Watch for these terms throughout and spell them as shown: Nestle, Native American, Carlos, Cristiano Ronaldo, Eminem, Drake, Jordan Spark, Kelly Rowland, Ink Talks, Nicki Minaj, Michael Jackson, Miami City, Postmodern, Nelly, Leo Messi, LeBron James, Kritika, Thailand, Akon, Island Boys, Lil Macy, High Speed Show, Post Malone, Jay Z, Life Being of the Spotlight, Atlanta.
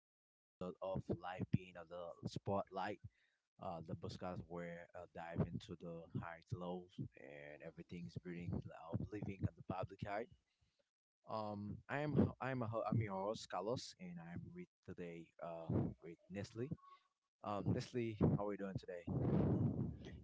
to another episode of Life Being of the Spotlight, the podcast where I dive into the highs, lows, and everything's building of living at the public eye. I am I'm a, ho- I'm your host Carlos, and I'm with today with Nestle. Nestle, how are we doing today?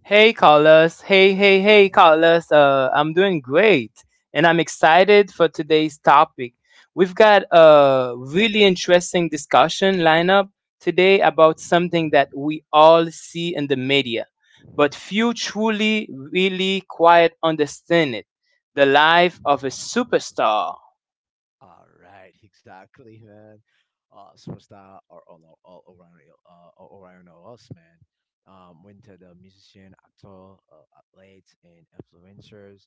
Hey, Carlos. Hey, hey, hey, Carlos. I'm doing great, and I'm excited for today's topic. We've got a really interesting discussion lineup today about something that we all see in the media, but few truly, really quite understand it the life of a superstar. All right, exactly, man. Superstar or all around us, man. Winter the musician, actor, athletes, and influencers.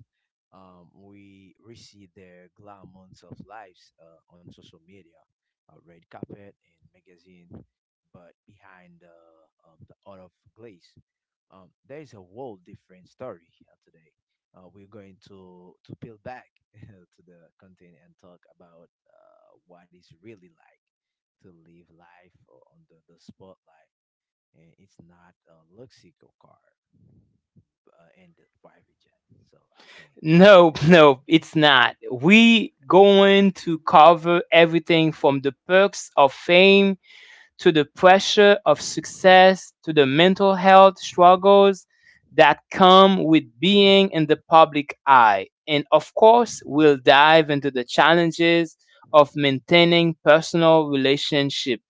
We see their glamons of lives on social media, red carpet and magazine, but behind the art of glaze, there is a whole different story here today we're going to peel back to the content and talk about what it's really like to live life on the spotlight. And it's not a Luxico car and the private jet. So I think. No, no, it's not. We going to cover everything from the perks of fame to the pressure of success, to the mental health struggles that come with being in the public eye. And of course, we'll dive into the challenges of maintaining personal relationship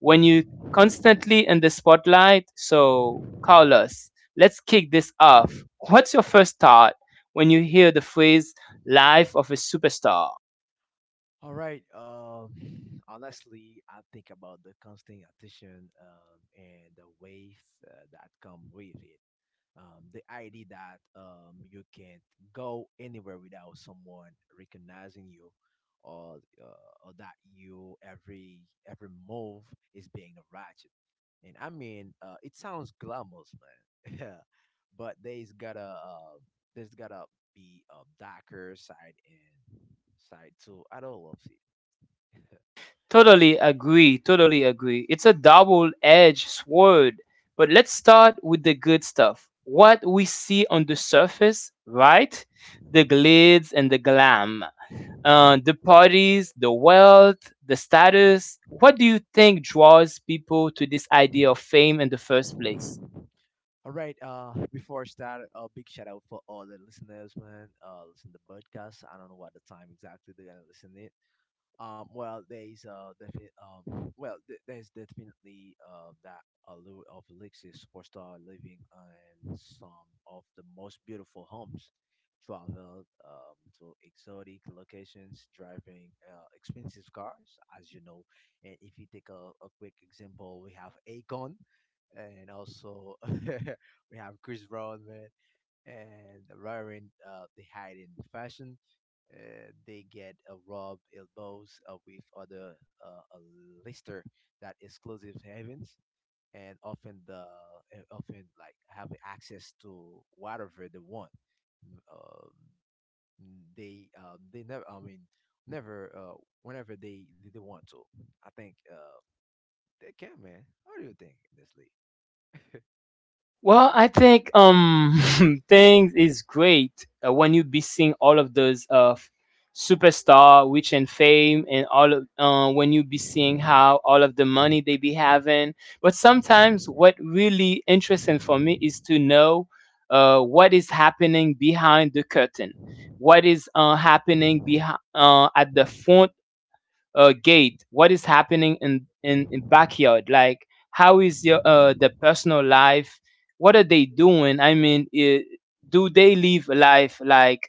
when you constantly in the spotlight. So, Carlos, let's kick this off. What's your first thought when you hear the phrase "life of a superstar"? All right. Honestly, I think about the constant attention and the waves that come with it. The idea that you can't go anywhere without someone recognizing you or, or that you every move is being ratchet. And I mean it sounds glamorous, man. Yeah, but there's gotta be a darker side and side, too. I don't love it. Totally agree. Totally agree. It's a double edged sword. But let's start with the good stuff. What we see on the surface, right? The glitz and the glam, the parties, the wealth, the status. What do you think draws people to this idea of fame in the first place? All right. Before I start, a big shout out for all the listeners, man. Listen to podcast. I don't know what the time exactly they're gonna listen. Well, there's defi- well, th- there's definitely that allure of Alexis superstar, living in some of the most beautiful homes, traveled to exotic locations, driving expensive cars, as you know. And if you take a quick example, we have Akon, and also we have Chris Brown, man, and the rearing, they hide in fashion. They get rubbed elbows with other a lister, that exclusive havens, and often the and often like have access to whatever they want. Mm, they never, I mean, never whenever they want to. I think they can, man. What do you think, Leslie? Well, I think things is great, when you be seeing all of those superstar, rich and fame, and all of when you be seeing how all of the money they be having. But sometimes what really interesting for me is to know, what is happening behind the curtain, what is happening behind, at the front, gate, what is happening in, in backyard, like how is your the personal life, what are they doing? I mean, I do they live a life like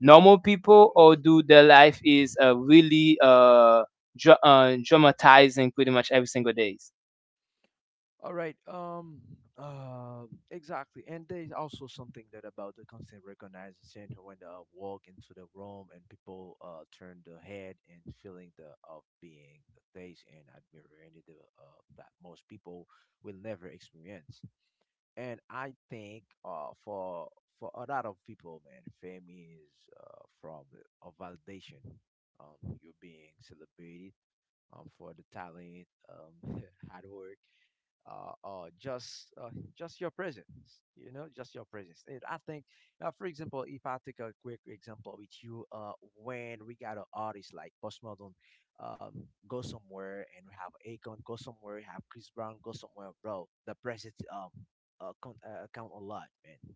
normal people, or do their life is, really, dramatizing pretty much every single days? All right. Uh, exactly. And there's also something that about the constant recognition when I walk into the room and people turn the head and feeling the of being the face and admiring it, the that most people will never experience. And I think for a lot of people, man, fame is from a validation. You're being celebrated for the talent, hard work, uh, uh, just uh, just your presence, you know, just your presence. And I think, for example, if I take a quick example with you, when we got an artist like Postmodern, go somewhere, and we have Akon go somewhere, we have Chris Brown go somewhere, bro. The presence count a lot, man,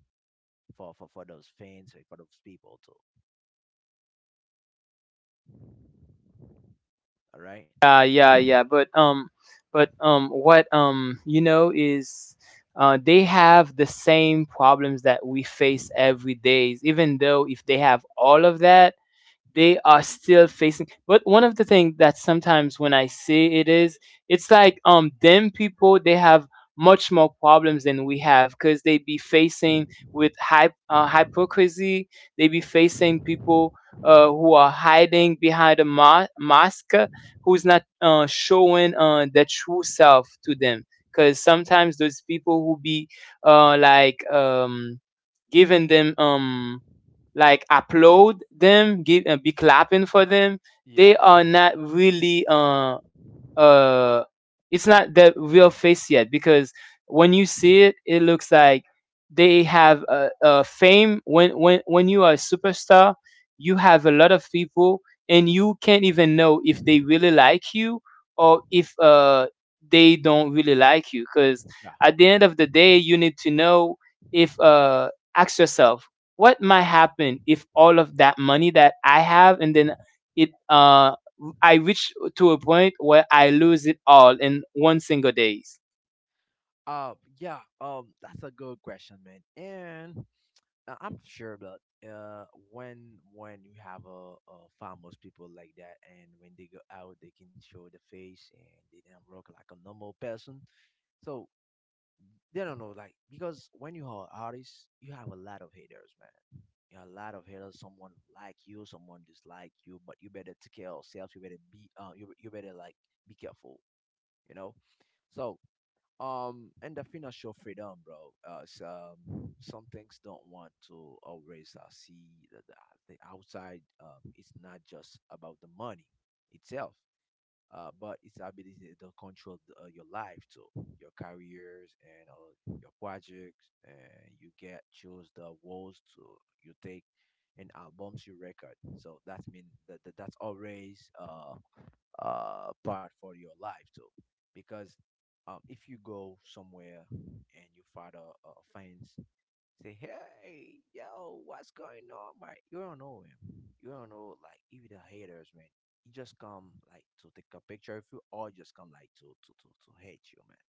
for those fans and for those people too. All right. Yeah, yeah, yeah. But what is, they have the same problems that we face every day, even though if they have all of that, they are still facing. But one of the things that sometimes, when I say it is, it's like them people, they have much more problems than we have, because they be facing with hypocrisy. They be facing people, who are hiding behind a mask, who's not showing their true self to them. Because sometimes those people who be, like, giving them, like applaud them, give and be clapping for them, they Yeah, are not really, uh it's not the real face, yet because when you see it looks like they have a fame. When when you are a superstar, you have a lot of people, and you can't even know if they really like you, or if they don't really like you. Because yeah. at the end of the day, you need to know, if ask yourself, what might happen if all of that money that I have, and then it I reach to a point where I lose it all in one single days. Uh, yeah. That's a good question, man. And I'm sure that when when you have a famous people like that, and when they go out, they can show the face and they don't look like a normal person. So they don't know, like because when you are an artist, you have a lot of haters, man. You have a lot of haters. Someone like you, someone dislike you, but you better take care of yourself. You better be, you better like be careful, you know. So and the financial freedom, bro. So, some things don't want to always see the outside. It's not just about the money itself, but it's ability to control the, your life too, your careers and your projects. And you get choose the walls to you take and albums you record. So that means that that's always part for your life too. Because if you go somewhere and you find a fans, say, "Hey, yo, what's going on, man?" You don't know him. You don't know like even the haters, man. You just come like to take a picture of you, or just come like to hate you, man.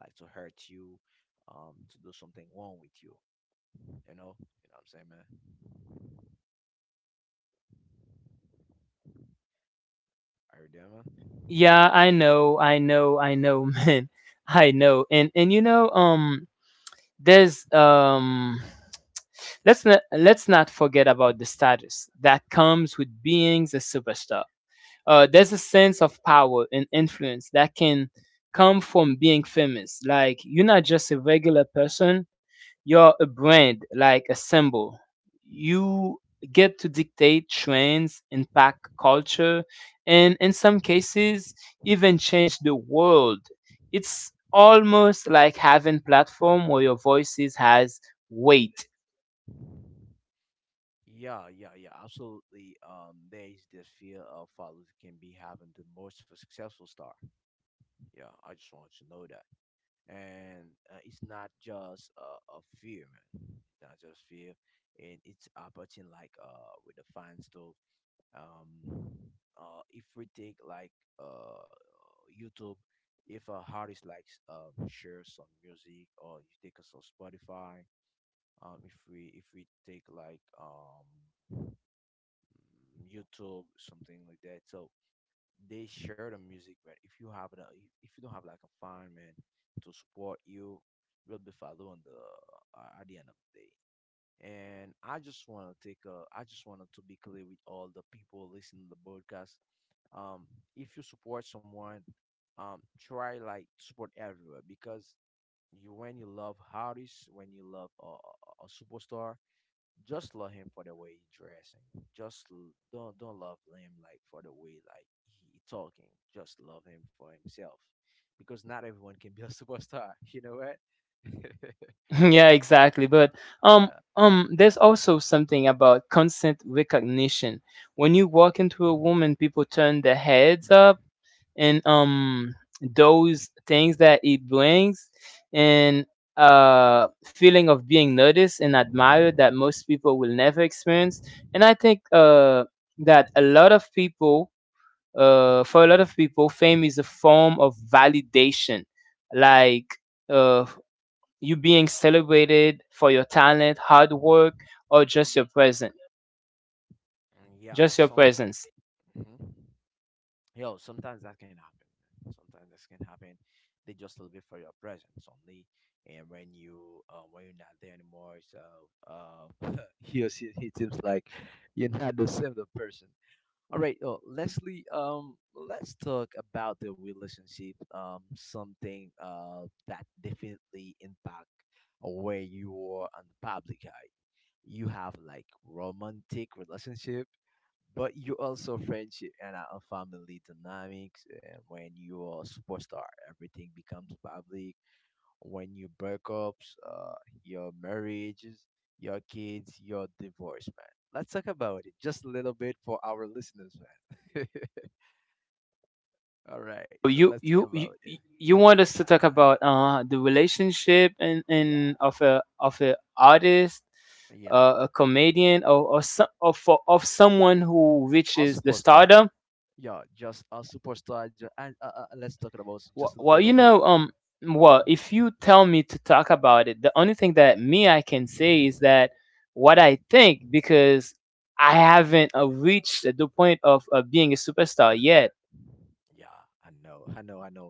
Like to hurt you, to do something wrong with you. You know what I'm saying, man? Are you there, man? Yeah, I know, I know, I know, man. I know. And there's let's not forget about the status that comes with being a superstar. There's a sense of power and influence that can come from being famous. Like, you're not just a regular person, you're a brand, like a symbol. You get to dictate trends, impact culture, and in some cases, even change the world. It's almost like having platform where your voices has weight. Yeah, yeah, yeah, absolutely. There is this fear of followers can be having the most for successful star. Yeah, I just want you to know that, and it's not just a fear, man. It's not just fear, and it's approaching like with the fans too. Um, if we take like uh YouTube, if a artist likes share some music, or you take us on Spotify, if we take like YouTube, something like that. So they share the music, man. If you have a, if you don't have like a fan, man, to support you, you'll be following the at the end of the day. And I just want to take a, I just wanted to be clear with all the people listening to the podcast. Um, if you support someone, try like support everywhere because you when you love artists, when you love a superstar, just love him for the way he dressing. Just don't love him like for the way like he talking. Just love him for himself, because not everyone can be a superstar. You know what? Yeah, Yeah, exactly. But um there's also something about constant recognition. When you walk into a woman, people turn their heads up, and those things that it brings, and feeling of being noticed and admired that most people will never experience. And I think, that a lot of people, for a lot of people, fame is a form of validation. Like, uh you being celebrated for your talent, hard work, or just your presence, and yeah. just your Some presence. mhm. Yo, sometimes that can happen, man. Sometimes this can happen. They just love it for your presence only, and when you when you're not there anymore, so he or he seems like you're not the same the person. All right, Leslie. Let's talk about the relationship. Something that definitely impact where you are on the public eye. You have like romantic relationship, but you also friendship and family dynamics. And when you are a superstar, everything becomes public when you breakups, your marriages, your kids, your divorce, man. Let's talk about it just a little bit for our listeners, man. All right, so You let's talk you you, about it. you want us to talk about the relationship, and Yeah, and of a artist, yeah, a comedian, or of someone who a reaches the superstar. stardom. Yeah, just a superstar. And let's talk about just Well, a well, little bit. Well, if you tell me to talk about it, the only thing that me I can say is that what I think, because I haven't reached the point of being a superstar yet. Yeah, I know, I know, I know.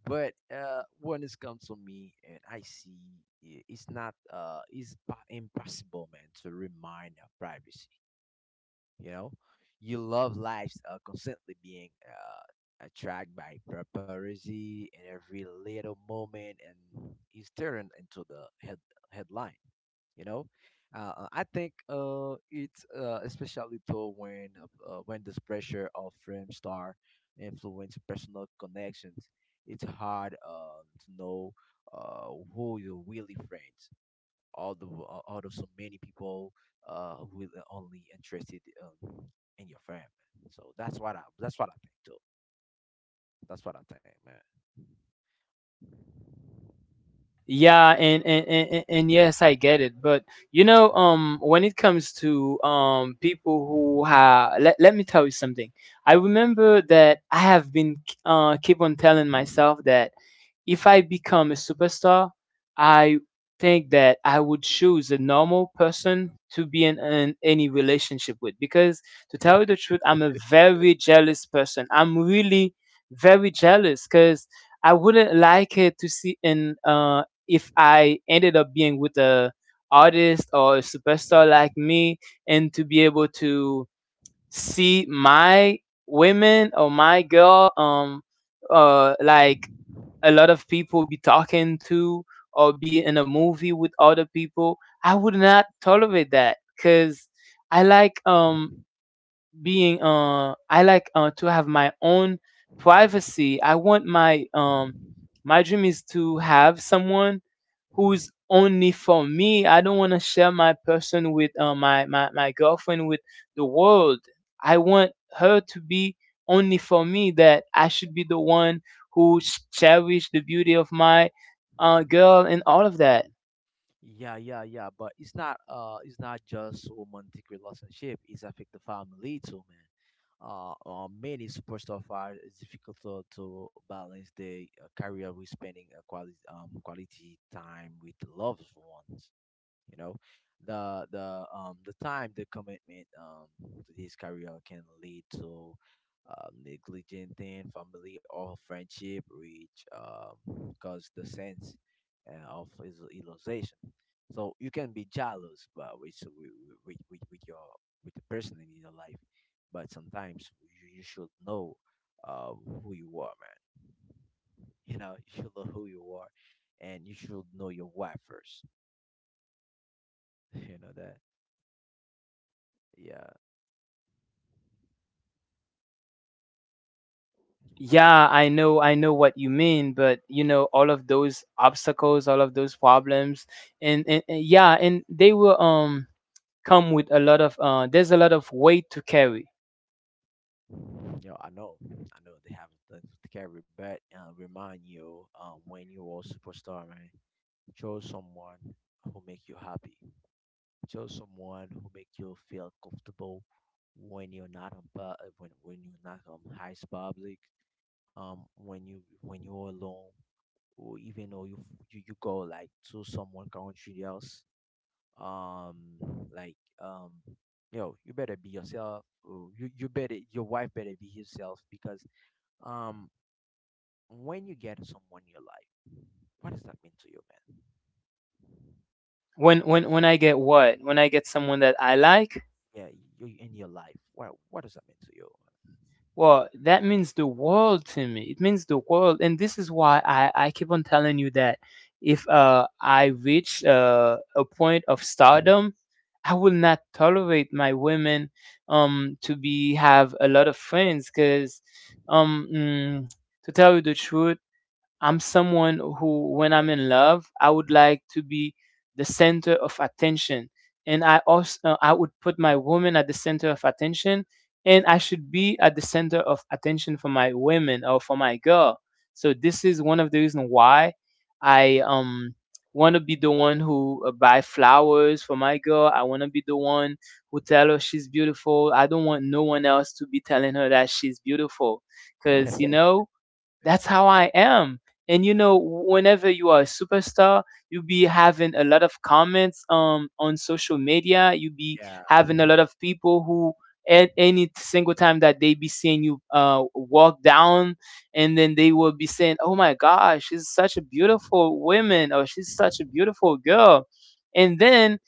But when this comes to me, and I see it's not, it's impossible, man, to remind her privacy. You know, your love life's are constantly being attracted by paparazzi in every little moment, and is turned into the headline. You know, I think it's especially though when this pressure of fame star influence personal connections, it's hard to know who your really friends out of so many people who are only interested in your family. So that's what I think too. That's what I think, Yeah, and yes, I get it. But when it comes to people who have, let me tell you something. I remember that I have been keep on telling myself that if I become a superstar, I think that I would choose a normal person to be in any relationship with. Because to tell man. you the truth, I'm a very jealous person. I'm really very jealous, because I wouldn't like it to see an if I ended up being with a artist or a superstar like me, and to be able to see my women or my girl, like a lot of people be talking to, or be in a movie with other people. I would not tolerate that, because i like um I like to have my own privacy. I want, my dream is to have someone who's only for me. I don't want to share my person with my girlfriend with the world. I want her to be only for me. That I should be the one who cherish the beauty of my, girl, and all of that. Yeah, yeah, yeah. But it's not just romantic relationship, it's affect the family too, man. Many superstar fighters it's difficult to balance their career with spending quality time with the loved ones. You know, the time the commitment to this career can lead to neglecting family or friendship, which cause the sense of isolation. So you can be jealous, but with, with with your with the person in your life, but sometimes you, you should know uh who you are, man. You know, you should know who you are, and you should know your why first. You know that, yeah. Yeah, I know. I know what you mean. But all of those obstacles, all of those problems, and yeah, and they will come with a lot of, there's a lot of weight to carry. Yo, I know they have things to carry, but remind you, when you are a superstar, man, chose someone who make you happy. Chose someone who make you feel comfortable when you're not on pu- when you're not on high public, when you're alone, or even though you you, you go like to someone country else, um, like um, yo, you better be yourself. Or you better your wife better be herself because um, when you get someone in your life, what does that mean to you, man? When I get what? When I get someone that I like, Yeah, you in your life. What does that mean well, that means the world to me. It means the world, and this is why I keep on telling you that if I reach, a point of stardom, I will not tolerate my women to be have a lot of friends. Because um mm, to tell you the truth, I'm someone who, when I'm in love, I would like to be the center of attention, and I would put my woman at the center of attention. And I should be at the center of attention for my women or for my girl. So this is one of the reasons why I want to be the one who buy flowers for my girl. I want to be the one who tell her she's beautiful. I don't want no one else to be telling her that she's beautiful, to cause you you? know that's how I am. And Uh, whenever you are a superstar, you be having a lot of comments on social media. You be yeah, having a lot of people who, at any single time that they be seeing you walk down, and then they will be saying, "Oh my gosh, she's such a beautiful woman," or, "She's such a beautiful girl." And then,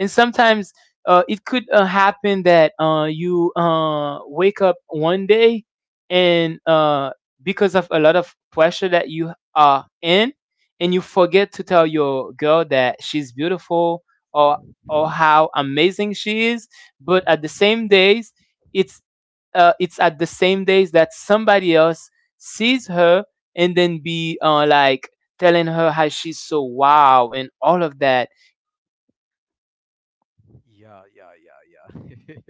and sometimes, it could, happen that, you, wake up one day, and, because of a lot of pressure that you are in, and you forget to tell your girl that she's beautiful, or or how amazing she is. But at the same days, it's it's at the same days that somebody else sees her, and then be, like telling her how she's so wow and all of that. yeah, yeah, yeah, yeah.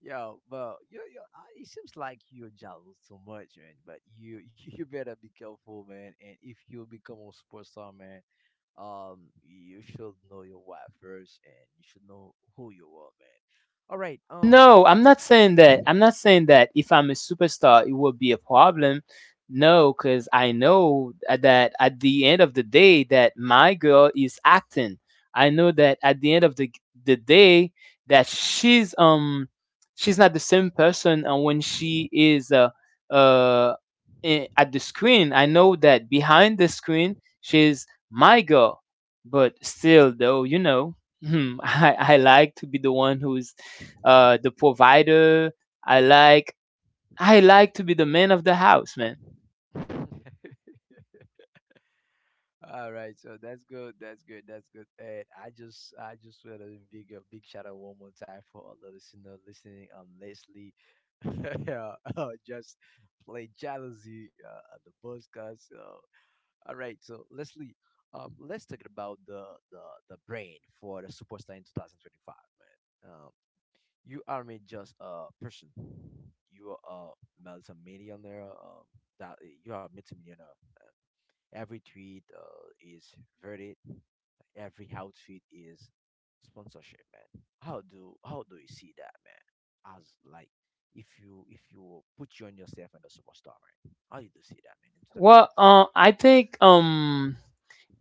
Yo, but you. Yo, it seems like you're jealous too much, man. But you, you better be careful, man. And if you become a superstar, man, you should know your wife first, and you should know who you are, man. All right, No, I'm not saying that. I'm not saying that if I'm a superstar, it will be a problem. No, because I know, that at the end of the day, that my girl is acting. I know that at the end of the day, that she's not the same person when she is uh at the screen. I know that behind the screen, she's my girl. But still, though, I like to be the one who's the provider. I like I like to be the man of the house, man. All right, so that's good. That's good. That's good. And I just want to a big shout out one more time for all the listener listening. Leslie, yeah, just play jealousy on the podcast. All right, so Leslie, let's talk about the the brain for the superstar in 2025, man. You aren't just a person. You are a multimillionaire. That you are a multimillionaire. Every tweet is verdict. Every outfit is sponsorship, man. How do you see that, man? As like if you put you on yourself and a superstar, man. How do you see that, Well, I think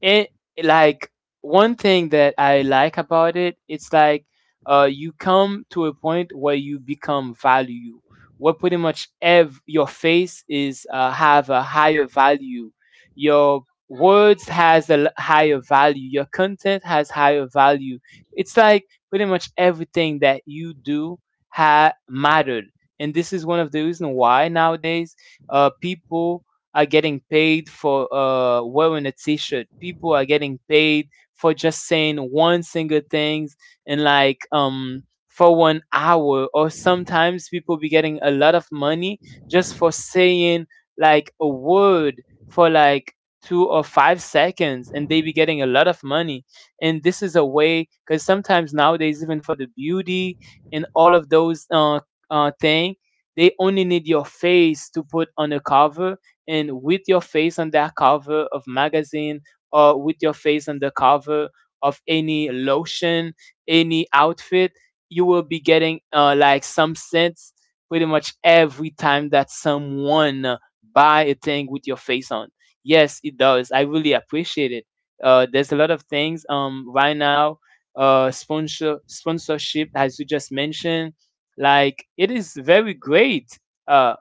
and like one thing that I like about it, it's like, you come to a point where you become value, where pretty much your face is, have a higher value, your words has a higher value, your content has higher value. It's like pretty much everything that you do mattered, and this is one of the reasons why nowadays, people are getting paid for wearing a t-shirt. People are getting paid for just saying one single thing and like for 1 hour or sometimes people be getting a lot of money just for saying like a word for like 2 or 5 seconds, and they be getting a lot of money. And this is a way because sometimes nowadays, even for the beauty and all of those thing, they only need your face to put on a cover, and with your face on that cover of magazine, or with your face on the cover of any lotion, any outfit, you will be getting like some cents pretty much every time that someone buy a thing with your face on. Yes, it does. I really appreciate it. There's a lot of things right now. Sponsorship, as you just mentioned, like it is very great. Uh,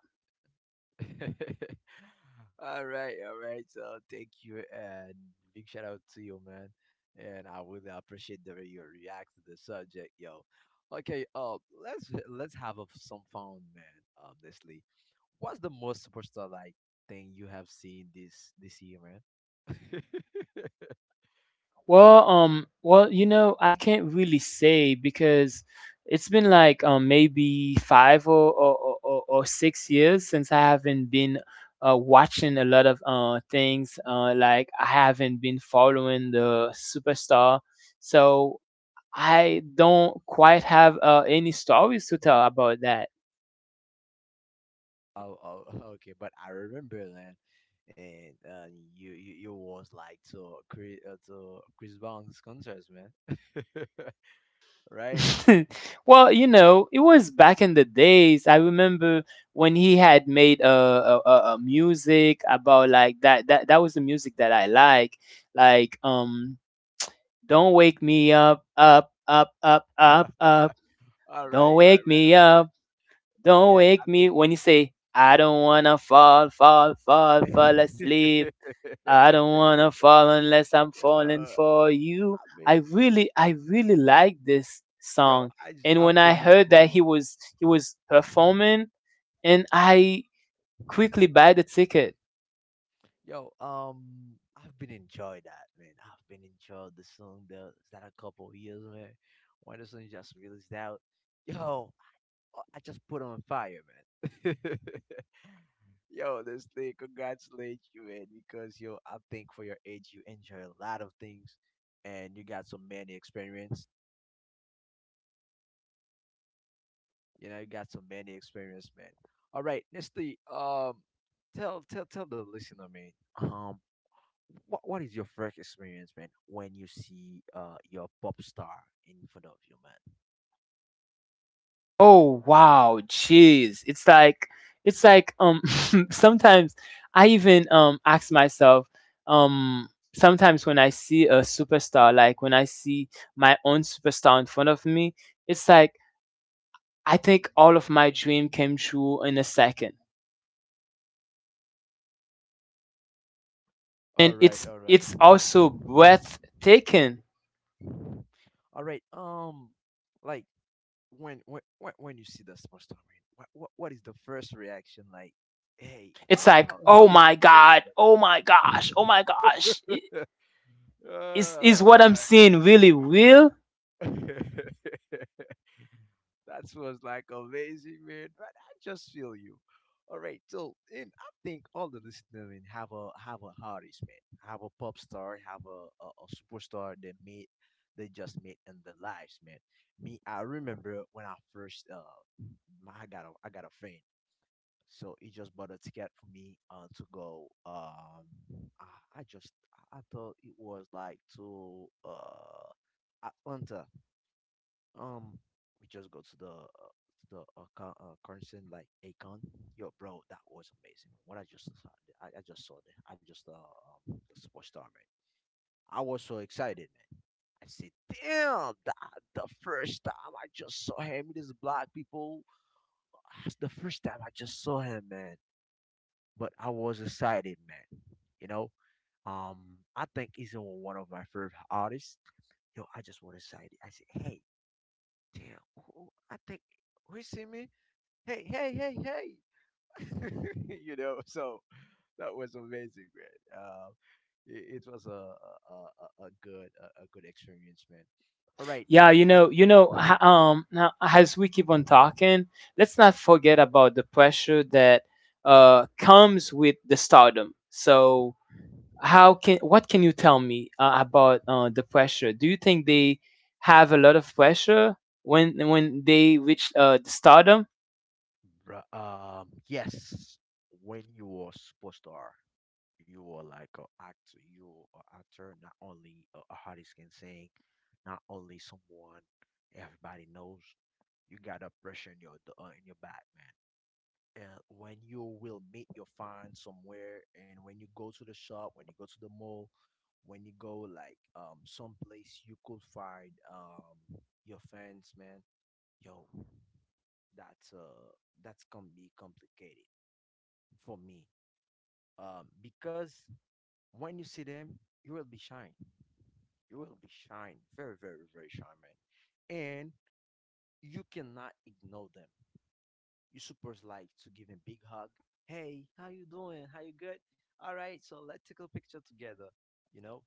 man? In 2000. All right, all right. So thank you and big shout out to you, man. And I really appreciate the way you react to the subject, yo. Okay, let's have a, some fun, man. Honestly, what's the most superstar like thing you have seen this year, man? Well, Uh, well, I can't really say because it's been like maybe 5 or 6 years, since I haven't been watching a lot of things. Like, I haven't been following the superstar, so I don't quite have any stories to tell about that. oh, oh, okay. But I remember that, and you was like to Chris Brown's concerts, man. Right? It was back in the days. I remember when he had made a music about like that. That was the music that I like. Like, don't wake me up, up, up, up, Yeah. up, up. All Don't right, right, wake right, me up. right. Don't Yeah, I wake me. think. When you say, I don't wanna fall, fall, fall, fall asleep. I don't wanna fall unless I'm falling Uh, for you. I mean, I really like this yo, song. And when I've I been heard that enjoying he was performing, and I quickly buy the ticket. yo, I've been enjoying that, man. I've been enjoying the song that a couple years, man. When the song just released out, yo, I just put on fire, man. Yo, this thing, congratulate you, man, because yo, I think for your age, you enjoy a lot of things, and you got so many experience. You know, you got so many experience, man. All right, Nestle, tell the listener, man, um, What is your first experience, man, when you see your pop star in front of you, man? Oh wow, jeez! It's like sometimes I even ask myself sometimes when I see a superstar, like when I see my own superstar in front of me, it's like I think all of my dream came true in a second. All And right, it's all right, it's also breathtaking. all right. Like when you see the pop star, man, what is the first reaction? Like, hey, It's like, how oh did my you feel, god, oh my gosh, oh my gosh. I- man? Is is all what I'm right. seeing really real? That was like amazing, man. But I just feel you. All right, so and I think all the listeners man, have a artist, man, have a pop star, have a, a superstar they meet, they just meet in their lives, man. Me, I remember when I first my, I got a friend, so he just bought a ticket for me to go I just I thought it was like to Atlanta. Um, we just go to the concert like Akon. Yo, bro, that was amazing. When I just saw, I just saw there. I just The superstar man. I was so excited, man. I said, damn, the first time I just saw him, these black people. That's the first time I just saw him, man. But I was excited, man. You know, um, I think he's one of my favorite artists. Yo, I just was excited. I said, hey, damn, I think who is him? Hey, hey, hey, hey, you know. So that was amazing, man. It was a good a good experience, man. All right, Yeah, this- now as we keep on talking, let's not forget about the pressure that comes with the stardom. So, how can what can you tell me about the pressure? Do you think they have a lot of pressure when they reach the stardom? Yes, when you were superstar, you were like a actor, you were an actor, not only a artist can sing, not only someone everybody knows. You got a pressure in your in your back, man. And when you will meet your find somewhere, and when you go to the shop, when you go to the mall, when you go like someplace, you could find your fans, man. Yo, that's uh that's gonna be complicated for me, because when you see them, you will be shine, you will be shine very very very shine, man. And you cannot ignore them. You're Usurpers like to give him big hug. Hey, how you doing? How you good? All right, so let's take a picture together. You know,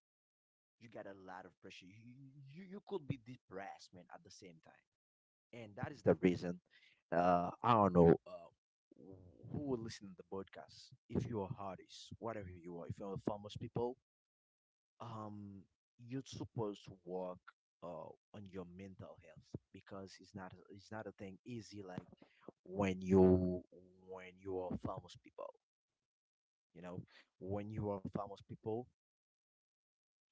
you got a lot of pressure. You could be depressed, man, at the same time, and that is the reason. I don't know who will listen to the podcast. If you are artists, whatever you are, if you're famous people, um you're supposed to work uh on your mental health, because it's not, it's not a thing easy like when you, when you are famous people, you know, when you are famous people,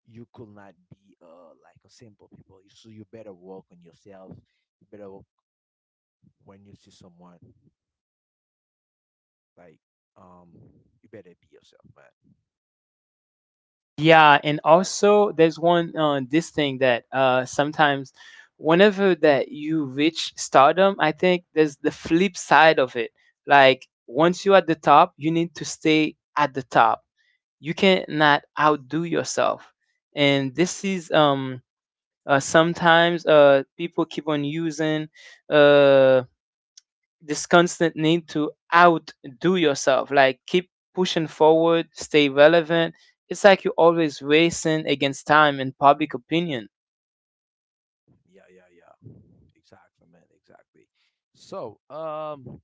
you could not be like a simple people. You- so you better work on yourself, you better work when you see someone, like, um, you better be yourself, man. Yeah, and also there's one this thing that sometimes whenever that you reach stardom, I think there's the flip side of it. Like, once you're at the top, you need to stay at the top. You cannot outdo yourself, and this is sometimes people keep on using uh this constant need to outdo yourself, like keep pushing forward, stay relevant. It's like you're always racing against time and public opinion. Yeah, yeah, yeah. Exactly, man. Exactly. So,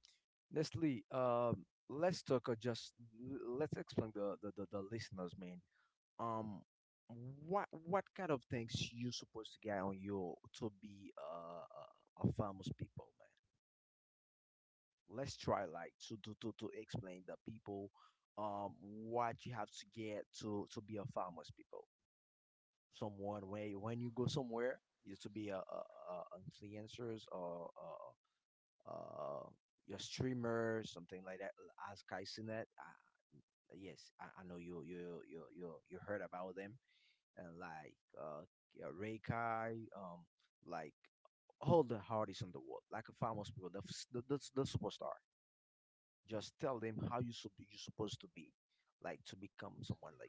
Nestle, let's talk. Just let's explain the listeners, man. Um, what kind of things you supposed to get on your to be a famous people, man? Let's try like to explain the people, what you have to get to be a famous people, someone, when you go somewhere used to be a influencers or uh, your streamer something like that as Kai Sinet. Yes, I know you heard about them, and like yeah, Ray Kai, like all the artists in the world, like famous people, the superstar. Just tell them how you should be, you're supposed to be, like to become someone like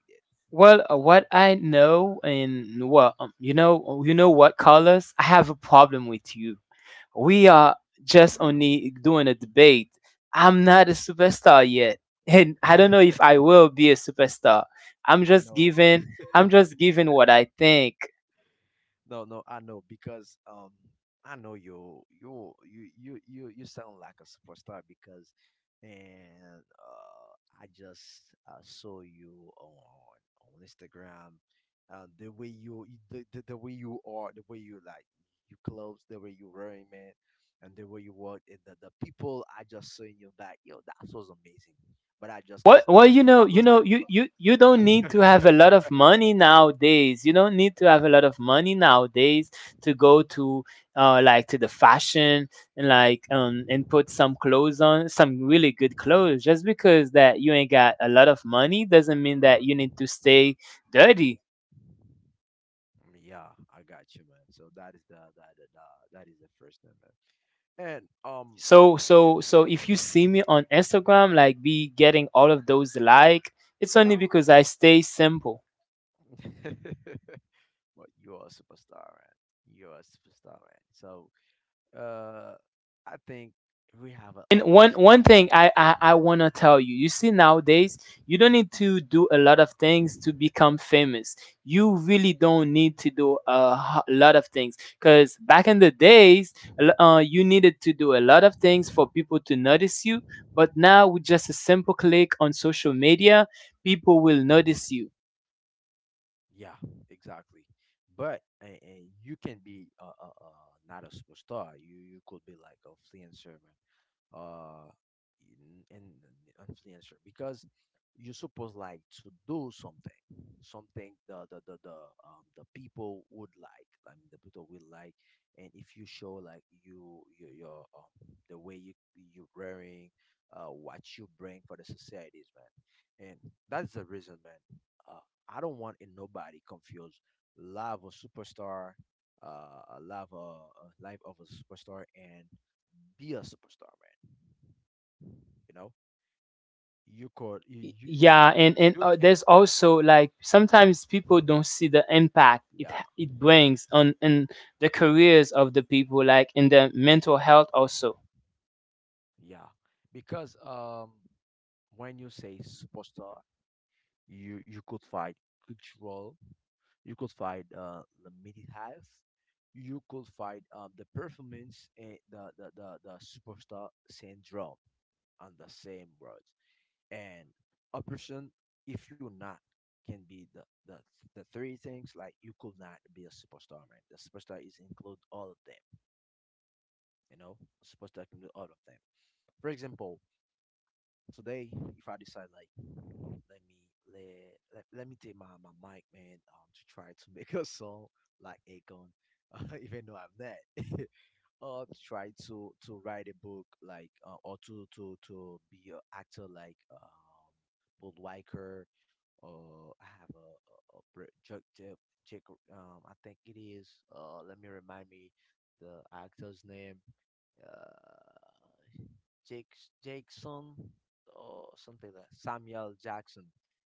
Well, what I know, and well, you know what, Carlos, I have a problem with you. We are just only doing a debate. I'm not a superstar yet, and I don't that. know if I will be a superstar. I'm I just know, giving, I'm just giving what I think. no, no, I know because I know you sound like a superstar because and I just saw you on Instagram the way the way you are, the way you like you clothes, the way you wearing, man. And the way you walk, and the people I just saw in your back, yo, that was amazing, but I just consider like almost you you people. you don't need to have a lot of money nowadays. You don't need to have a lot of money nowadays to go to like to the fashion, and like and put some clothes on, some really good clothes. Just because that you ain't got a lot of money doesn't mean that you need to stay dirty. Mm, yeah, I got you, man. So that is the that the that is the first thing, man. And So if you see me on Instagram like be getting all of those, like, it's no, only because I stay simple. but you are a superstar, man. You are a superstar, man. So uh, I think we have a And one listeners. thing I want to tell you, you see nowadays you don't need to do a lot of things to become famous. You really don't need to do a lot of things because back in the days, you needed to do a lot of things for people to notice you. But now with just a simple click on social media, people will notice you. Yeah, exactly. But and you can be not a superstar. You could be like a influencer, man. Uh, in- in- an influencer because you're supposed like to do something, something the people would like. I mean, the people will like, and if you show like your the way you you're wearing, what you bring for the societies, man, and that's the reason, man. Uh, I don't want in nobody confused love of superstar, a live a life of a superstar and be a superstar, man. You know, Y- you, yeah you and you can, there's also like sometimes people don't see the impact yeah, it brings on in the careers of the people, like in the mental health also. yeah, because when you say superstar, you could find cultural, you could find limited half. You could find the performance and the superstar syndrome on the same word. And a person, if you're not can be the the three things, like you could not be a superstar, man. The superstar is include all of them. You know, a superstar can do all of them. For example, today if I decide like let me let, let me take my mic man to try to make a song like Akon even though I'm not try to write a book like or to be an actor like Paul Weicker, or I have a Jack I think it is let me remind me the actor's name uh Jake Jackson or something like Samuel Jackson,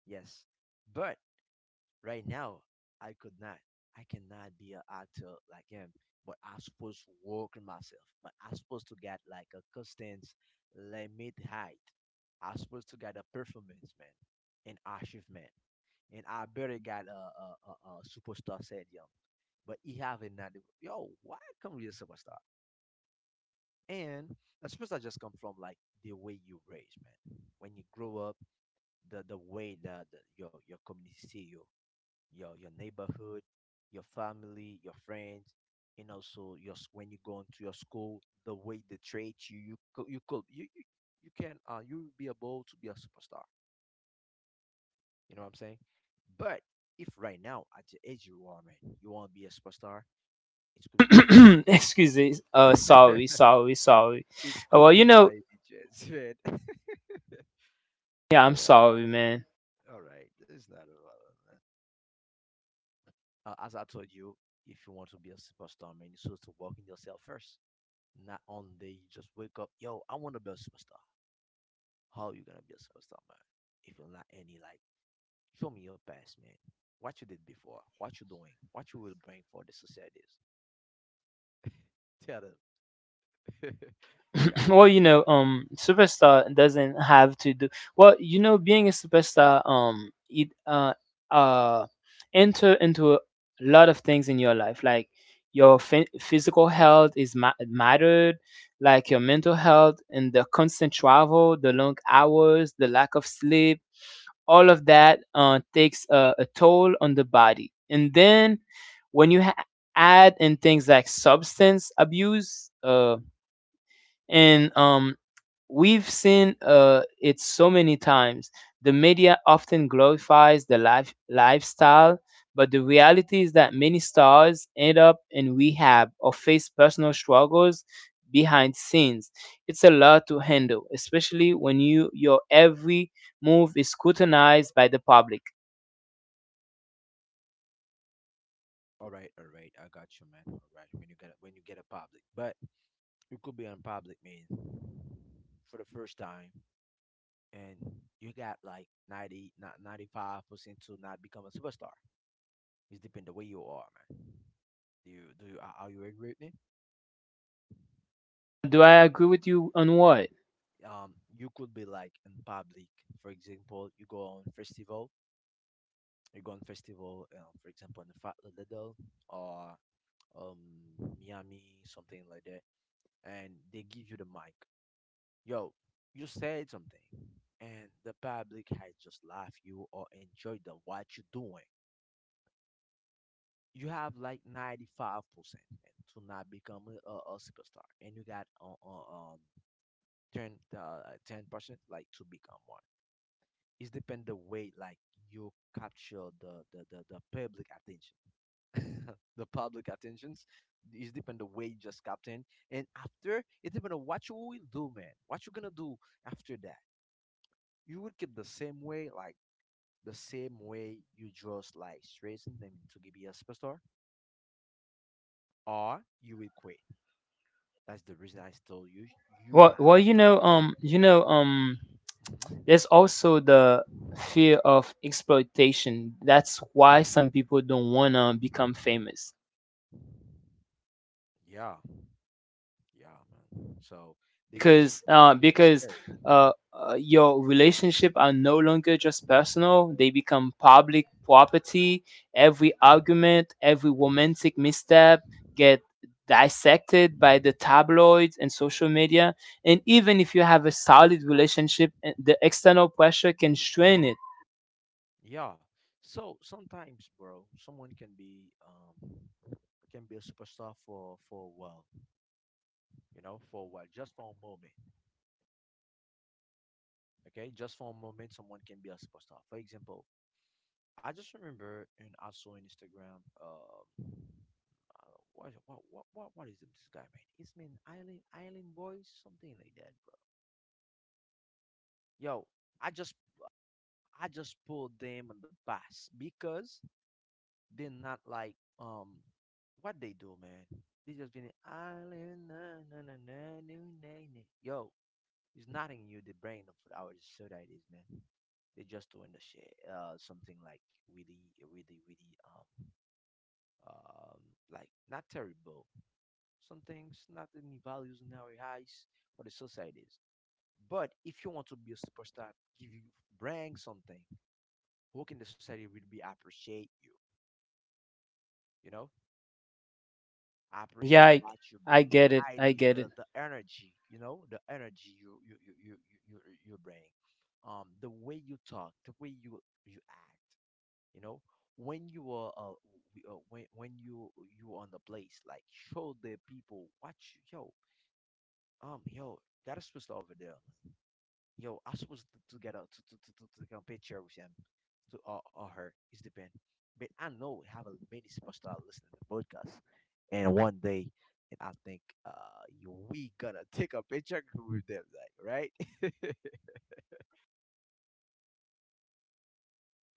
yes, but right now, I could not. I cannot be an actor like him. But I supposed to work on myself. But I supposed to get like a constant limit height. I supposed to get a performance, man, an achievement, and I barely got a superstar stadium. But he haven't not. Yo, why come with a superstar? And a superstar just come from like the way you raise, man. When you grow up, the way that your community see you, your neighborhood, your family, your friends, and also your s- when you go into your school, the way they treat you, you could you can you will be able to be a superstar. You know what I'm saying? But if right now at the age you are, man, you want to be a superstar, it could be by Excuse me, sorry, sorry, sorry. it Oh, well, could be by the chance, man. yeah, All I'm right, sorry, man. all right, it's not a problem, man. As I told you, if you want to be a superstar, man, you're supposed to work in yourself first. Not on day you just wake up, yo, I want to be a superstar. How you gonna be a superstar, man? If you're not any like, show me your past, man. What you did before, what you doing, what you will bring for the societies. Tell them. Yeah. Well, superstar doesn't have to do well. You know, being a superstar, it uh enter into a lot of things in your life, like your physical health is mattered, like your mental health and the constant travel, the long hours, the lack of sleep. All of that takes a toll on the body, and then when you add in things like substance abuse, and we've seen it so many times. The media often glorifies the life, lifestyle, but the reality is that many stars end up in rehab or face personal struggles behind scenes. It's a lot to handle, especially when your every move is scrutinized by the public. All right, all right. I got you, man. All right. When you get a public, but you could be on public, man, for the first time, and you got like 90, not 95% to not become a superstar. It's depend the way you are, man. Do you are you agree with me? Do I agree with you on what? You could be like in public, for example you go on festival, for example in the fat little, or Miami, something like that, and they give you the mic. Yo, you said something, and the public has just laughed you or enjoyed the what you're doing. You have like 95% to not become a superstar, and you got 10 10% like to become one. It depend the way like you capture the public attention, the public attentions. It depend the way you just captain, and after it depend on what you will do, man. What you gonna do after that? You will keep the same way, like the same way you just like stressing them to give you a superstar, or you will quit. That's the reason I told you you Well, have well, you like know, on. um, you know, um, Mhm. There's also the fear of exploitation. That's why some people don't wanna become famous Yeah, yeah, man. So they just, because they, uh, they just because scary. uh, uh, your relationship are no longer just personal. They become public property. Every argument, every romantic misstep get dissected by the tabloids and social media. And even if you have a solid relationship, the external pressure can strain it. Yeah. So sometimes, bro, someone can be a superstar for a while, you know, for a while, just for a moment. Okay, just for a moment, someone can be a superstar. For example, I just remember and I saw on Instagram, what is this guy, man? It's mean Island Island Boys, something like that, bro. Yo, I just I just pulled them on the bus because they're not like what they do, man. They just been island na na na na nu, na na. Yo, it's not in you the brain of our society is, man. They're just doing the shit. Uh, something like really um like not terrible. Some things not any values in our eyes for the societies. But if you want to be a superstar, give you bring something. Who can the society really be appreciate you? You know? I Yeah, appreciate I, what you I bring, get it. the I idea, get it. the energy, you know, the energy you you bring, the way you talk, the way you act, you know, when you are when you you on the place, like show the people what you. Yo, yo, that is supposed to over there. Yo, I'm supposed to get a to take a picture with him, to, or her. It's depend. But I know we have a many superstar listening to the podcast, and one day, and I think we gonna take a picture with them, like, right?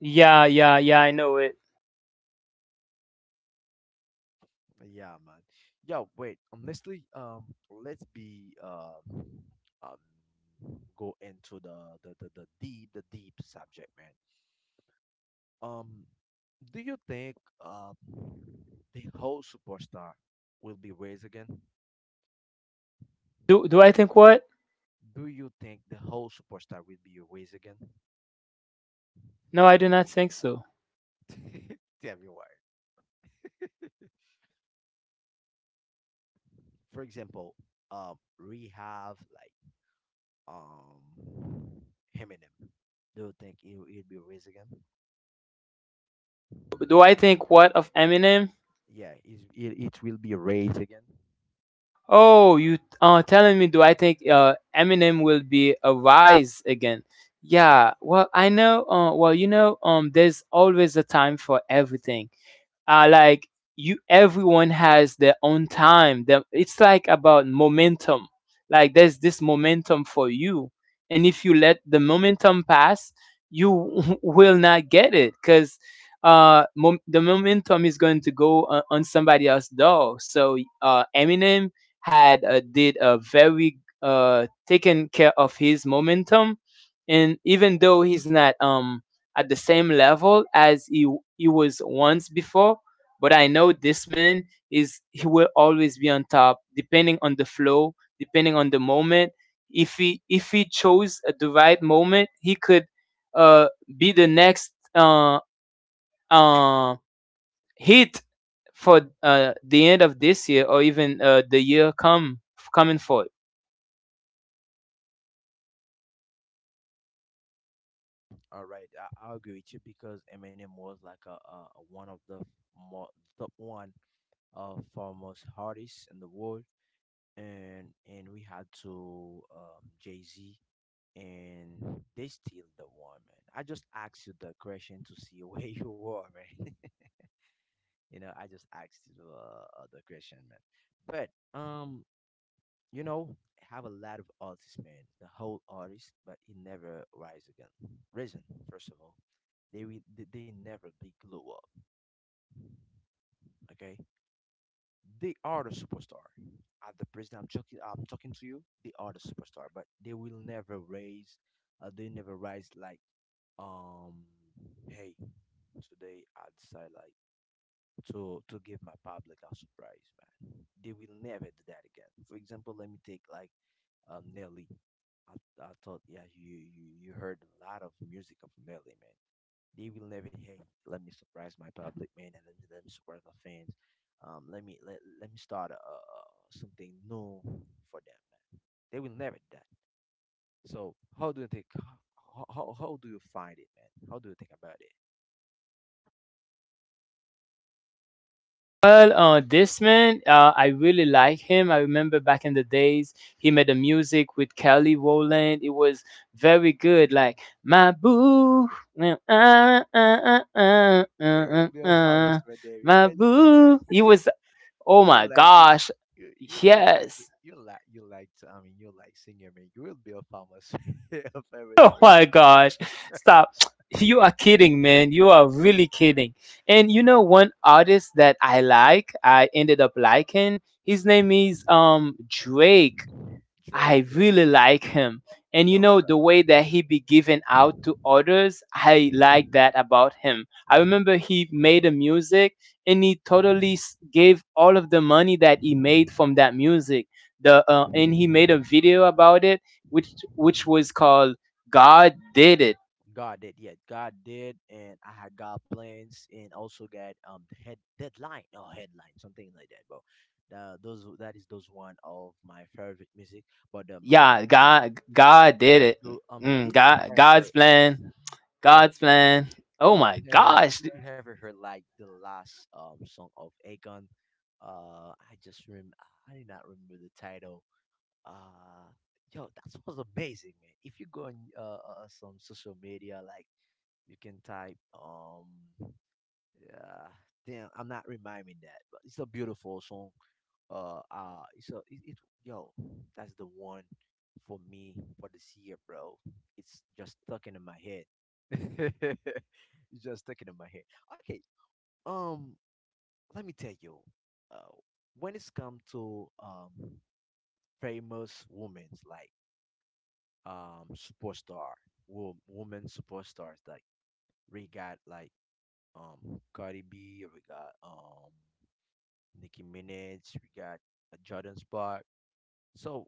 Yeah, yeah, yeah, I know it. Yeah, man. Yo, wait. Honestly, let's be um go into the deep, subject, man. Um, do you think uh, the whole superstar will be raised again? Do I think what? Do you think the whole superstar will be raised again? No, I do not think so. Tell me why. For example, rehab like um Eminem. Do you think it will be raised again? Do I think what of Eminem? Yeah, it it will be raised again. Oh, you telling me, do I think Eminem will be a rise again? Yeah, well, I know well, there's always a time for everything. Like, you, everyone has their own time. Them, it's like about momentum, like there's this momentum for you, and if you let the momentum pass, you will not get it because the momentum is going to go on, somebody else's door. So Eminem had did a very, taken care of his momentum, and even though he's not at the same level as he was once before, but I know this man is, he will always be on top, depending on the flow, depending on the moment. If he chose at the right moment, he could uh, be the next uh, hit for the end of this year, or even the year come coming forth. All right, I agree with you because Eminem was like a one of the more top one, foremost artists in the world. And we had to, Jay Z, and they still the one, man. I just asked you the question to see where you were, man. You know, I just asked you the question, man. But you know, have a lot of artists, man. The whole artist, but he never rise again. Risen, first of all, they never big glow up. Okay, they are the superstar. At the president I'm talking to you. They are the superstar, but they will never raise. They never rise like um. Hey, today I decide like to give my public a surprise, man. They will never do that again. For example, let me take like Nelly. I, I thought, yeah, you heard a lot of music of Nelly, man. They will never, hey, let me surprise my public, man, and let me surprise my fans. Let, let me start something new for them, man. They will never do that. So how do you think? How do you find it, man? How do you think about it? Well, this man, I really like him. I remember back in the days, he made a music with Kelly Rowland. It was very good, like my boo. Well, uh, uh, uh, uh, You uh, are uh, be a real famous uh, right there my because. boo. He was, oh my You like to, gosh. Yes, you like to, I mean, you like singer man, you will be a famous a famous oh my rapper. gosh, stop. You are kidding, man. You are really kidding. And you Yeah. know, one artist that I like, I ended up liking. His name is Drake. Drake I Drake really Drake. like him. And you Yo, know, the bro, way that he be giving out to others, I like that about him. I remember he made a music, and he totally gave all of the money that he made from that music. The And he made a video about it, which was called "God Did It." God did, yeah, God did, and I had God plans, and also got head deadline or headline, something like that, bro. Those that is those one of my favorite music. But my Yeah, God did it. you, I mean, Mm, did you God's ever. plan. Yo, God's plan. Oh did my you ever, gosh. Heard like the last song of Akon? Uh, I just rem I did not remember the title. Uh, yo, that was amazing, man. If you go on some social media, like you can type yeah, damn, I'm not reminding that, but it's a beautiful song. Uh, uh, so it, it, yo, that's the one for me for this year, bro. It's just stuck into my head. It's just stuck into my head. Okay, um, let me tell you, uh, when it's come to famous women's like superstar, woman superstars like, we got like Cardi B, we got Nicki Minaj, we got Jordan Spark. So,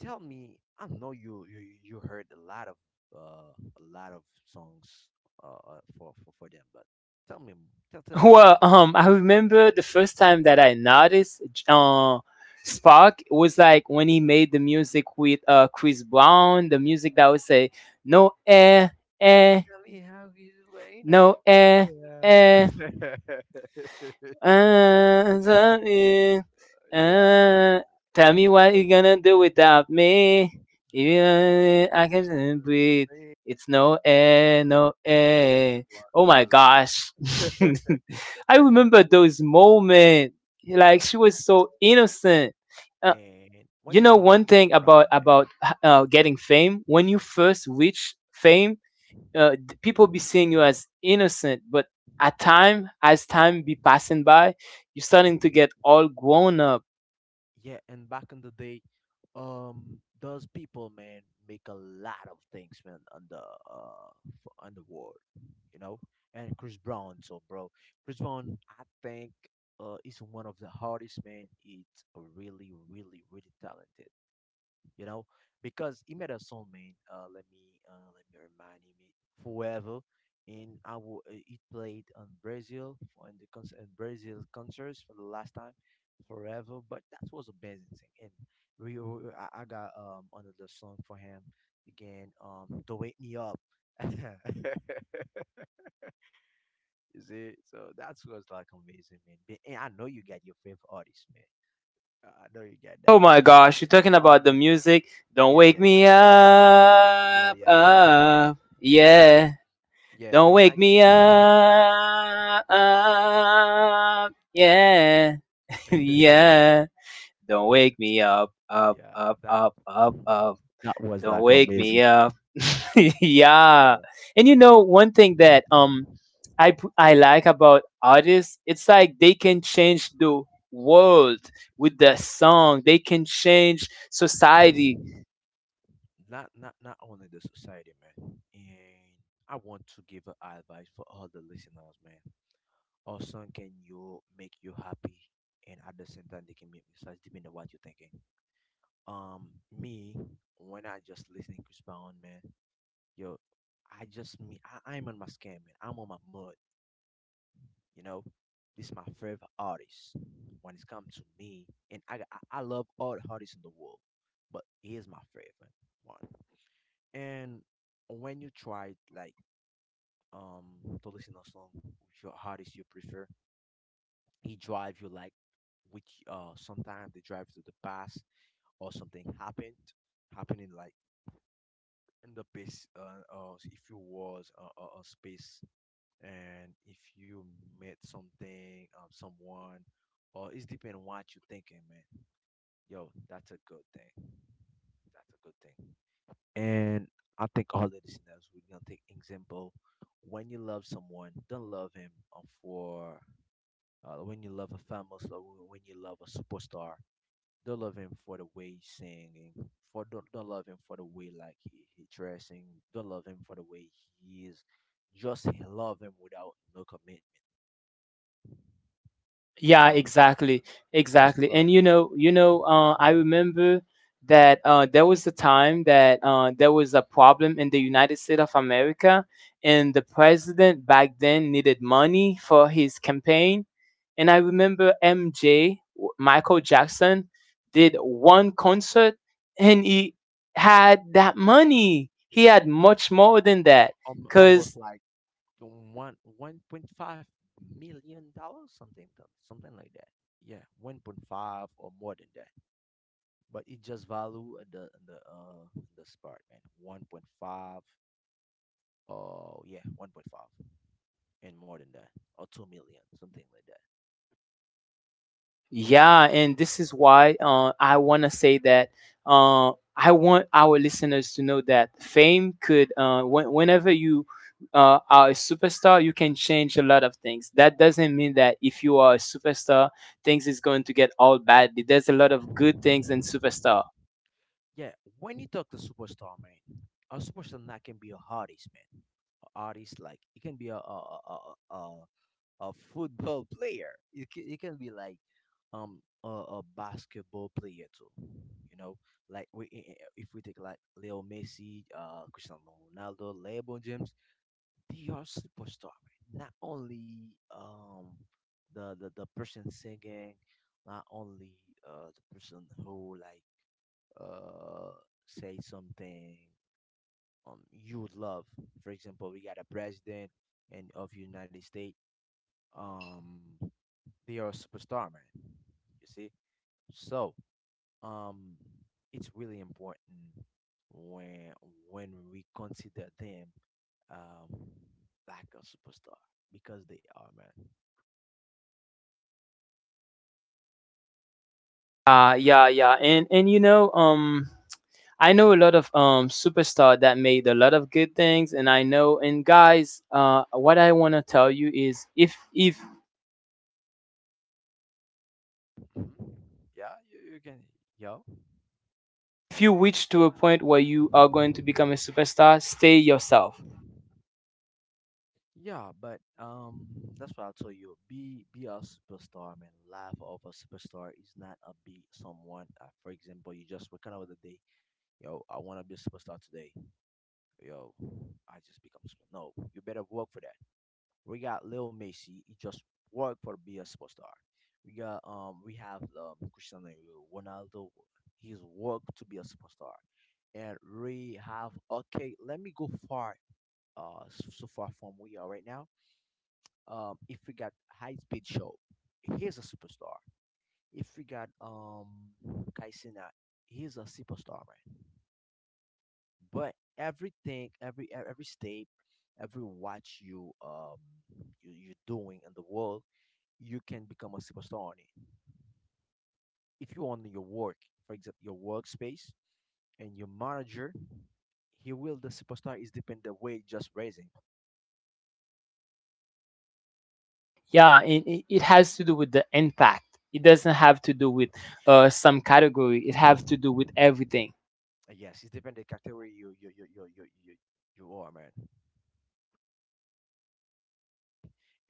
tell me, I know you heard a lot of songs for them, but tell me, tell me. Well, I remember the first time that I noticed, Spark was like when he made the music with Chris Brown, the music that would say, no, eh, eh, Tell me how you way in. no, eh, eh. Yeah. So, yeah, Yeah. uh, Yo, tell me that what was, you gonna do without me. If yeah, you, I can't breathe. man, It's no yeah, air, no air. Oh it my was gosh. a-. I remember those moments. Like, Yo, she was that's. so innocent. Uh, And when you you know talk to one Chris thing Brown, about man. Getting fame. When you first reach fame, uh, people be seeing you as innocent, but at time, as time be passing by, you're starting to get all grown up. Yeah, and back in the day, those people, man, make a lot of things, man, on the on the world, you know. And Chris Brown, so bro, Chris Brown, I think, is one of the hardest man. It's really talented, you know, because he made Imeda Solmain, let me remind him it forever, and I will, it played on Brazil for in the concert in Brazil concerts for the last time, forever. But that was amazing thing, and I got another song for him again, to wake me up. You see, so that was like amazing, man. But, and I know you got your favorite artist, man. I know you got Oh that, my and gosh, I you're see talking all about the the music. Don't yeah, wake yeah. me Yeah, yeah, up, yeah, yeah, up, yeah, yeah, yeah. yeah. Don't wake me up, up, yeah, yeah. Don't wake me up, up, yeah, up, that up, up, up. that was Don't like wake amazing me thing. up. Yeah, Yeah, and you know one thing that I like about artists, it's like they can change the world with their song. They can change society. Not only the society, man. And I want to give a advice for all the listeners, man. Our song can you make you happy, and at the same time they can make mistakes depending on what you're thinking. Um, me, when I just listening Chris Brown, man, yo, I'm on my scam, man. I'm on my mud. You know, this is my favorite artist. When it's come to me, and I love all the artists in the world, but he is my favorite one. And when you try like um to listen a song with your artist you prefer, he drive you like which sometimes they drive to the past, or something happened happening like in the base if you was a space. And if you met something someone, or it's depend what you thinking, man. Yo, that's a good thing, that's a good thing. And I think all the listeners we're gonna take example. When you love someone, don't love him, for when you love a famous, or when you love a superstar, don't love him for the way he's singing. For don't, don't love him for the way like he dressing. Don't love him for the way he is. Just love him without no commitment. You Yeah, know. exactly, Just exactly. love And them. I remember that there was a time that there was a problem in the United States of America, and the president back then needed money for his campaign. And I remember MJ, Michael Jackson, did one concert, and he had that money. He had much more than that, Almost cause like one point five million dollars, something something like that. Yeah, 1.5 or more than that. But it just value at the spot, man. 1.5. Oh yeah, 1.5 and more than that, or 2 million, something like that. yeah. And this is why I want to say that I want our listeners to know that fame could, whenever you are a superstar, you can change a lot of things. That doesn't mean that if you are a superstar, things is going to get all bad. There's a lot of good things in superstar. Yeah, when you talk to superstar, man, a superstar that can be a artist, man. A artist like it can be a, a a football player. You can be like a basketball player too. You know, like if we take like Leo Messi, Cristiano Ronaldo, LeBron James, they are superstar, right? Not only the person singing, not only the person who like uh say something you would love. For example, we got a president and of United States. Um, they are a superstar, man. You see? So, um, it's really important when when we consider them um like a superstar, because they are, man. Uh, yeah, yeah, and and you know, um, I know a lot of superstar that made a lot of good things, and I know, and guys, what I want to tell you is, if if Mhm. Yeah, you can, yo, if you reach to a point where you are going to become a superstar, stay yourself. yeah, but that's what I'll tell you. Be a superstar, man. Life of a superstar is not a be someone. For example, you just waking up the day, yo, I want to be a superstar today. Yo, I just become super. No, you better work for that. We got Lil Macy. He just worked for be a superstar. We have Cristiano Ronaldo. He's worked to be a superstar, and we have okay. Let me go far so far from we are right now. If we got high speed show, he's a superstar. If we got Kaisina, he's a superstar, man. But everything, every state, every watch you you doing in the world, you can become a superstar on it. If you own your work, for example, your workspace and your manager, he will the superstar is depend the way just raising. Yeah, it has to do with the impact. It doesn't have to do with some category. It have to do with everything. Yes, it's depend the category you are, man.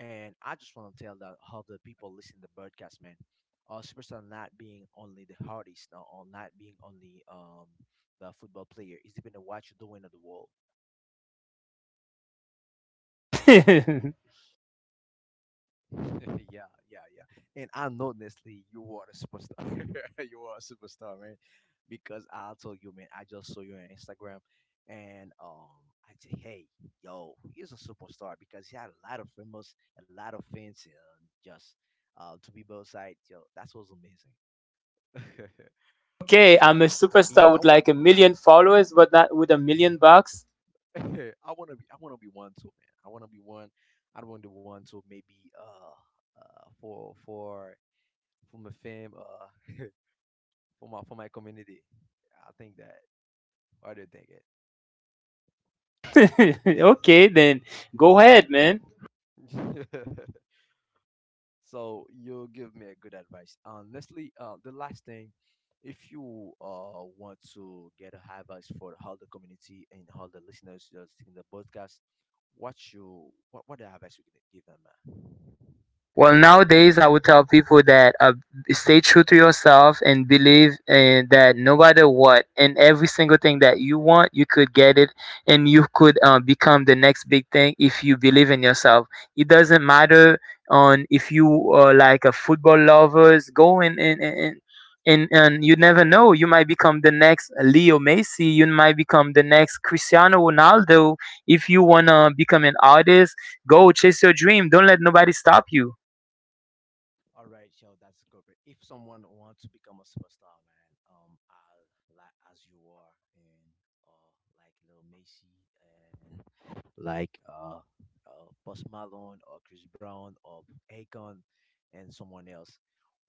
And I just want to tell that how the people listen to broadcast, man. Superstar not being only the hardest, or not being only the football player. It's depend on what you're doing in the world. Okay, Yeah, yeah, yeah. And I know, Nestle, you are a superstar. You are a superstar, man. Because I'll tell you, man, I just saw you on Instagram, and I say, hey, yo, he's a superstar because he had a lot of famous, a lot of fans, just to be both sides. Yo, that was amazing. All right. I'm a Me, superstar I with want like a million followers, but not with a million bucks. I I want to be one too, man. I want to be one. I don't want to be one too. Maybe for my fam. For my community. I think that. What do you Okay, then go ahead, man. think it? So you give me a good advice. Honestly, the last thing, if you want to get a high advice for all the community and all the listeners just in the podcast, what the advice you can give them, man? Well, nowadays I would tell people that stay true to yourself and believe that no matter what and every single thing that you want, you could get it, and you could become the next big thing if you believe in yourself. It doesn't matter on if you are like a football lovers, go and you never know. You might become the next Leo Messi. You might become the next Cristiano Ronaldo. If you wanna become an artist, go chase your dream. Don't let nobody stop you. All right, yo, that's corporate. If someone wants to become a superstar, man, I'll like as you are, and uh, like Lil Macy, and like Post Malone or Chris Brown or Akon, and someone else.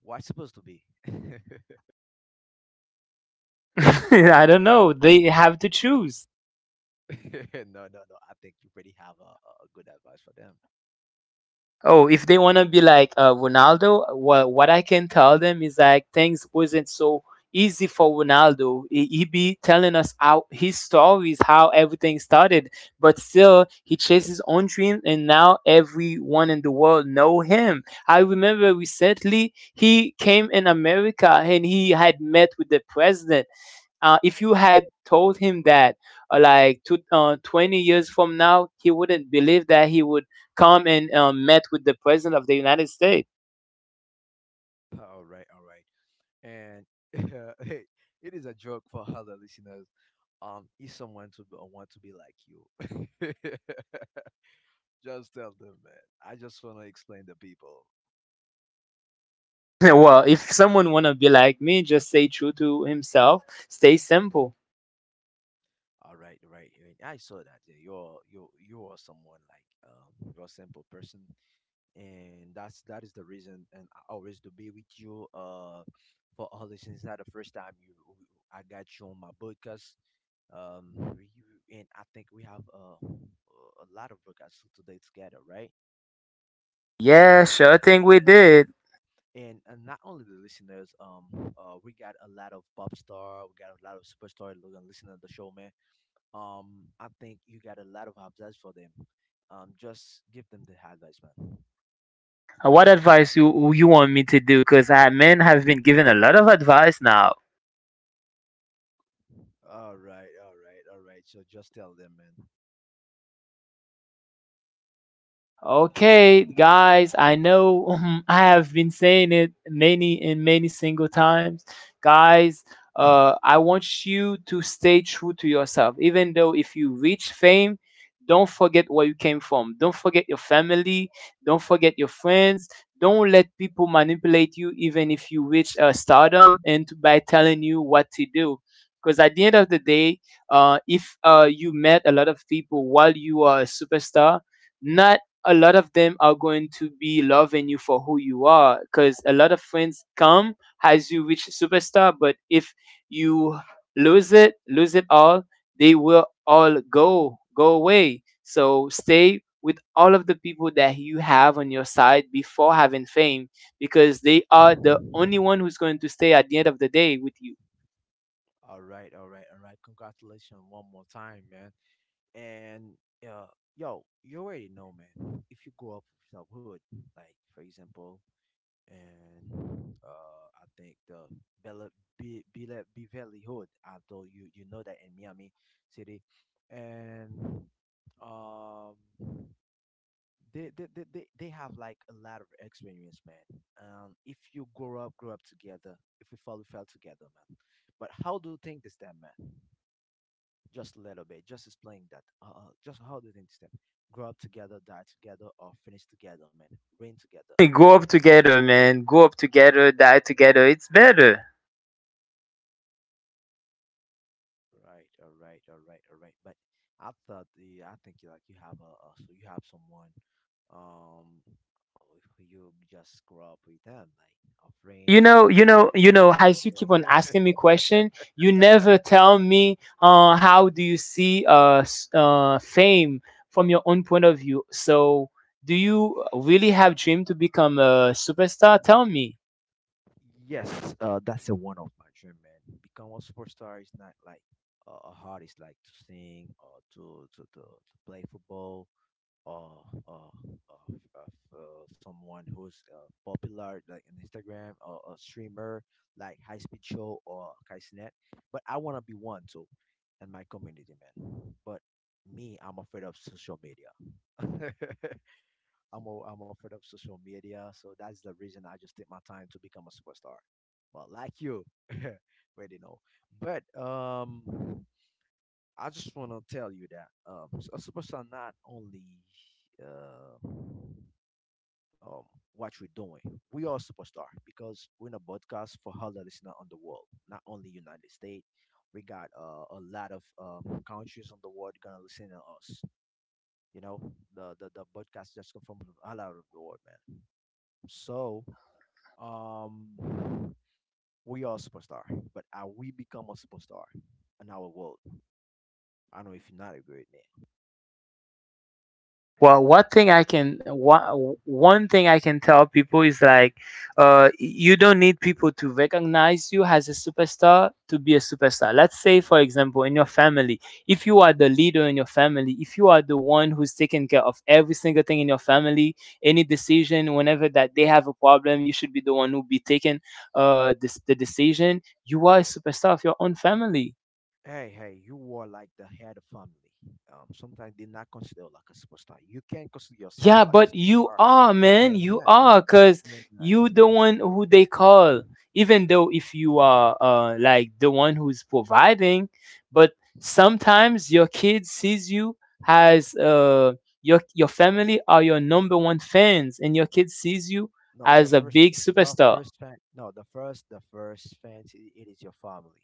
What's supposed to be? No, I don't know. They have to choose. no, no. I think you already have a good advice for them. Oh, if they want to be like Ronaldo, what I can tell them is like things wasn't so easy for Ronaldo. He be telling us how his stories, how everything started, but still he chased his own dream, and now everyone in the world know him. I remember recently he came in America and he had met with the president. If you had told him that, like 20 years from now, he wouldn't believe that he would come and met with the president of the United States. All right, and it is a joke for other listeners, if want to be like you. Just tell them, man, I just want to explain to people. Well, if someone wanna be like me, just stay true to himself. Stay simple. All right, right, and I saw that. Yeah, you are someone like you're a simple person, and that is the reason, and I always to be with you. For all this, it's not the first time you I got you on my podcast. um you and I think we have, a lot of podcasts today together, right? Yeah, sure thing we did. And not only the listeners, we got a lot of pop star, we got a lot of superstar looking listening to the show, man. I think you got a lot of advice for them. Just give them the advice, man. What advice you want me to do? Because men have been given a lot of advice now. All right, all right, all right, so just tell them, man. Okay, guys, I know I have been saying it many and many single times. Guys, I want you to stay true to yourself. Even though if you reach fame, don't forget where you came from. Don't forget your family. Don't forget your friends. Don't let people manipulate you, even if you reach stardom, and to, by telling you what to do. Because at the end of the day, if you met a lot of people while you are a superstar, not a lot of them are going to be loving you for who you are because a lot of friends come as you reach superstar, but if you lose it, lose it all, they will all go away. So stay with all of the people that you have on your side before having fame, because they are the only one who's going to stay at the end of the day with you. All right, all right, all right, congratulations one more time, man. And uh yo, you already know, man, if you grow up without wood, like for example, and I think the Bella Bella Beverly Hood. Although you know that in Miami City. And um, they have like a lot of experience, man. If you grow up together. If we fall, we fell together, man. But how do you think this time, man? Just a little bit, just explain that. Just how do you think this time? Grow up together, die together, or finish together, man. Reign together. Hey, grow up together man, grow up together, die together, it's better. Right, all right, all right, all right. But I thought the I think you have a so you have someone, um, who you just grow up with them, like a You friends. know, as you keep on Sister. asking me question, you never tell me how do you see fame from your own point of view. So, do you really have dream to become a superstar? Tell me. Yes, that's the one of my dream, man. Become a superstar is not like a hard. It's like to sing, or to play football, or of someone who's popular like an Instagram or a streamer like High Speed Show or Kaisnet. But I want to be one too in my community, man. But me, I'm afraid of social media. I'm afraid of social media, so that's the reason I just take my time to become a superstar. But like you, already know. But I just want to tell you that a superstar not only uh, um, what we're doing. We are superstar because we're in a podcast for other listeners on the world, not only United States. We got a lot of countries on the world gonna listen to us. You know, the podcast just come from all out of the world, man. So um, we are superstar, but are we become a superstar in our world? I don't know if you not agree with me. Well, one thing I can one, one thing I can tell people is like, you don't need people to recognize you as a superstar to be a superstar. Let's say, for example, in your family, if you are the leader in your family, if you are the one who's taking care of every single thing in your family, any decision, whenever that they have a problem, you should be the one who be taking the decision. You are a superstar of your own family. Hey, hey, you were like the head of family. Sometimes they're not consider like a superstar. You can consider yourself Yeah, like a but you superstar, are, but you man. are You not. are, cause You are not. you the one who they call. Even though if you are like the one who's providing, but sometimes your kid sees you as your family are your number one fans, and your kid sees you No, as a big the superstar. first fan. No, the first fans. It is your family.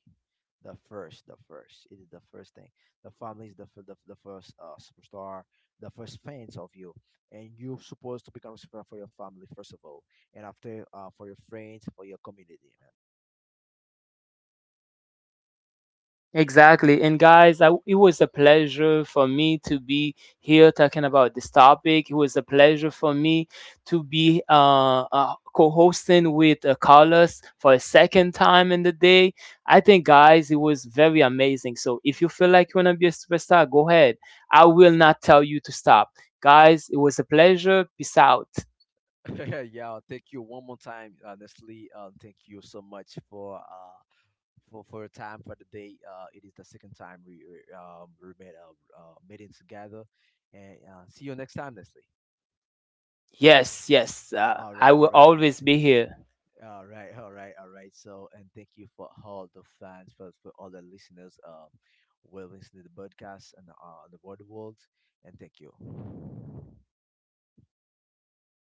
The first, the first. It is the first thing. The family is the first superstar, the first fans of you, and you're supposed to become a superstar for your family first of all, and after for your friends, for your community. Exactly. And guys, I, it was a pleasure for me to be here talking about this topic. It was a pleasure for me to be co hosting with Carlos for a second time in the day. I think, guys, it was very amazing. So if you feel like you want to be a superstar, go ahead. I will not tell you to stop. Guys, it was a pleasure. Peace out. Yeah, thank you one more time, Nestle. Thank you so much for your time for the day. It is the second time we made a meeting together, and see you next time, Nestle. Yes, yes. All right, I all will right, always be here. all right, all right, all right. So, and thank you for all the fans, for all the listeners, who are listening to the podcast, and the world world, and thank you.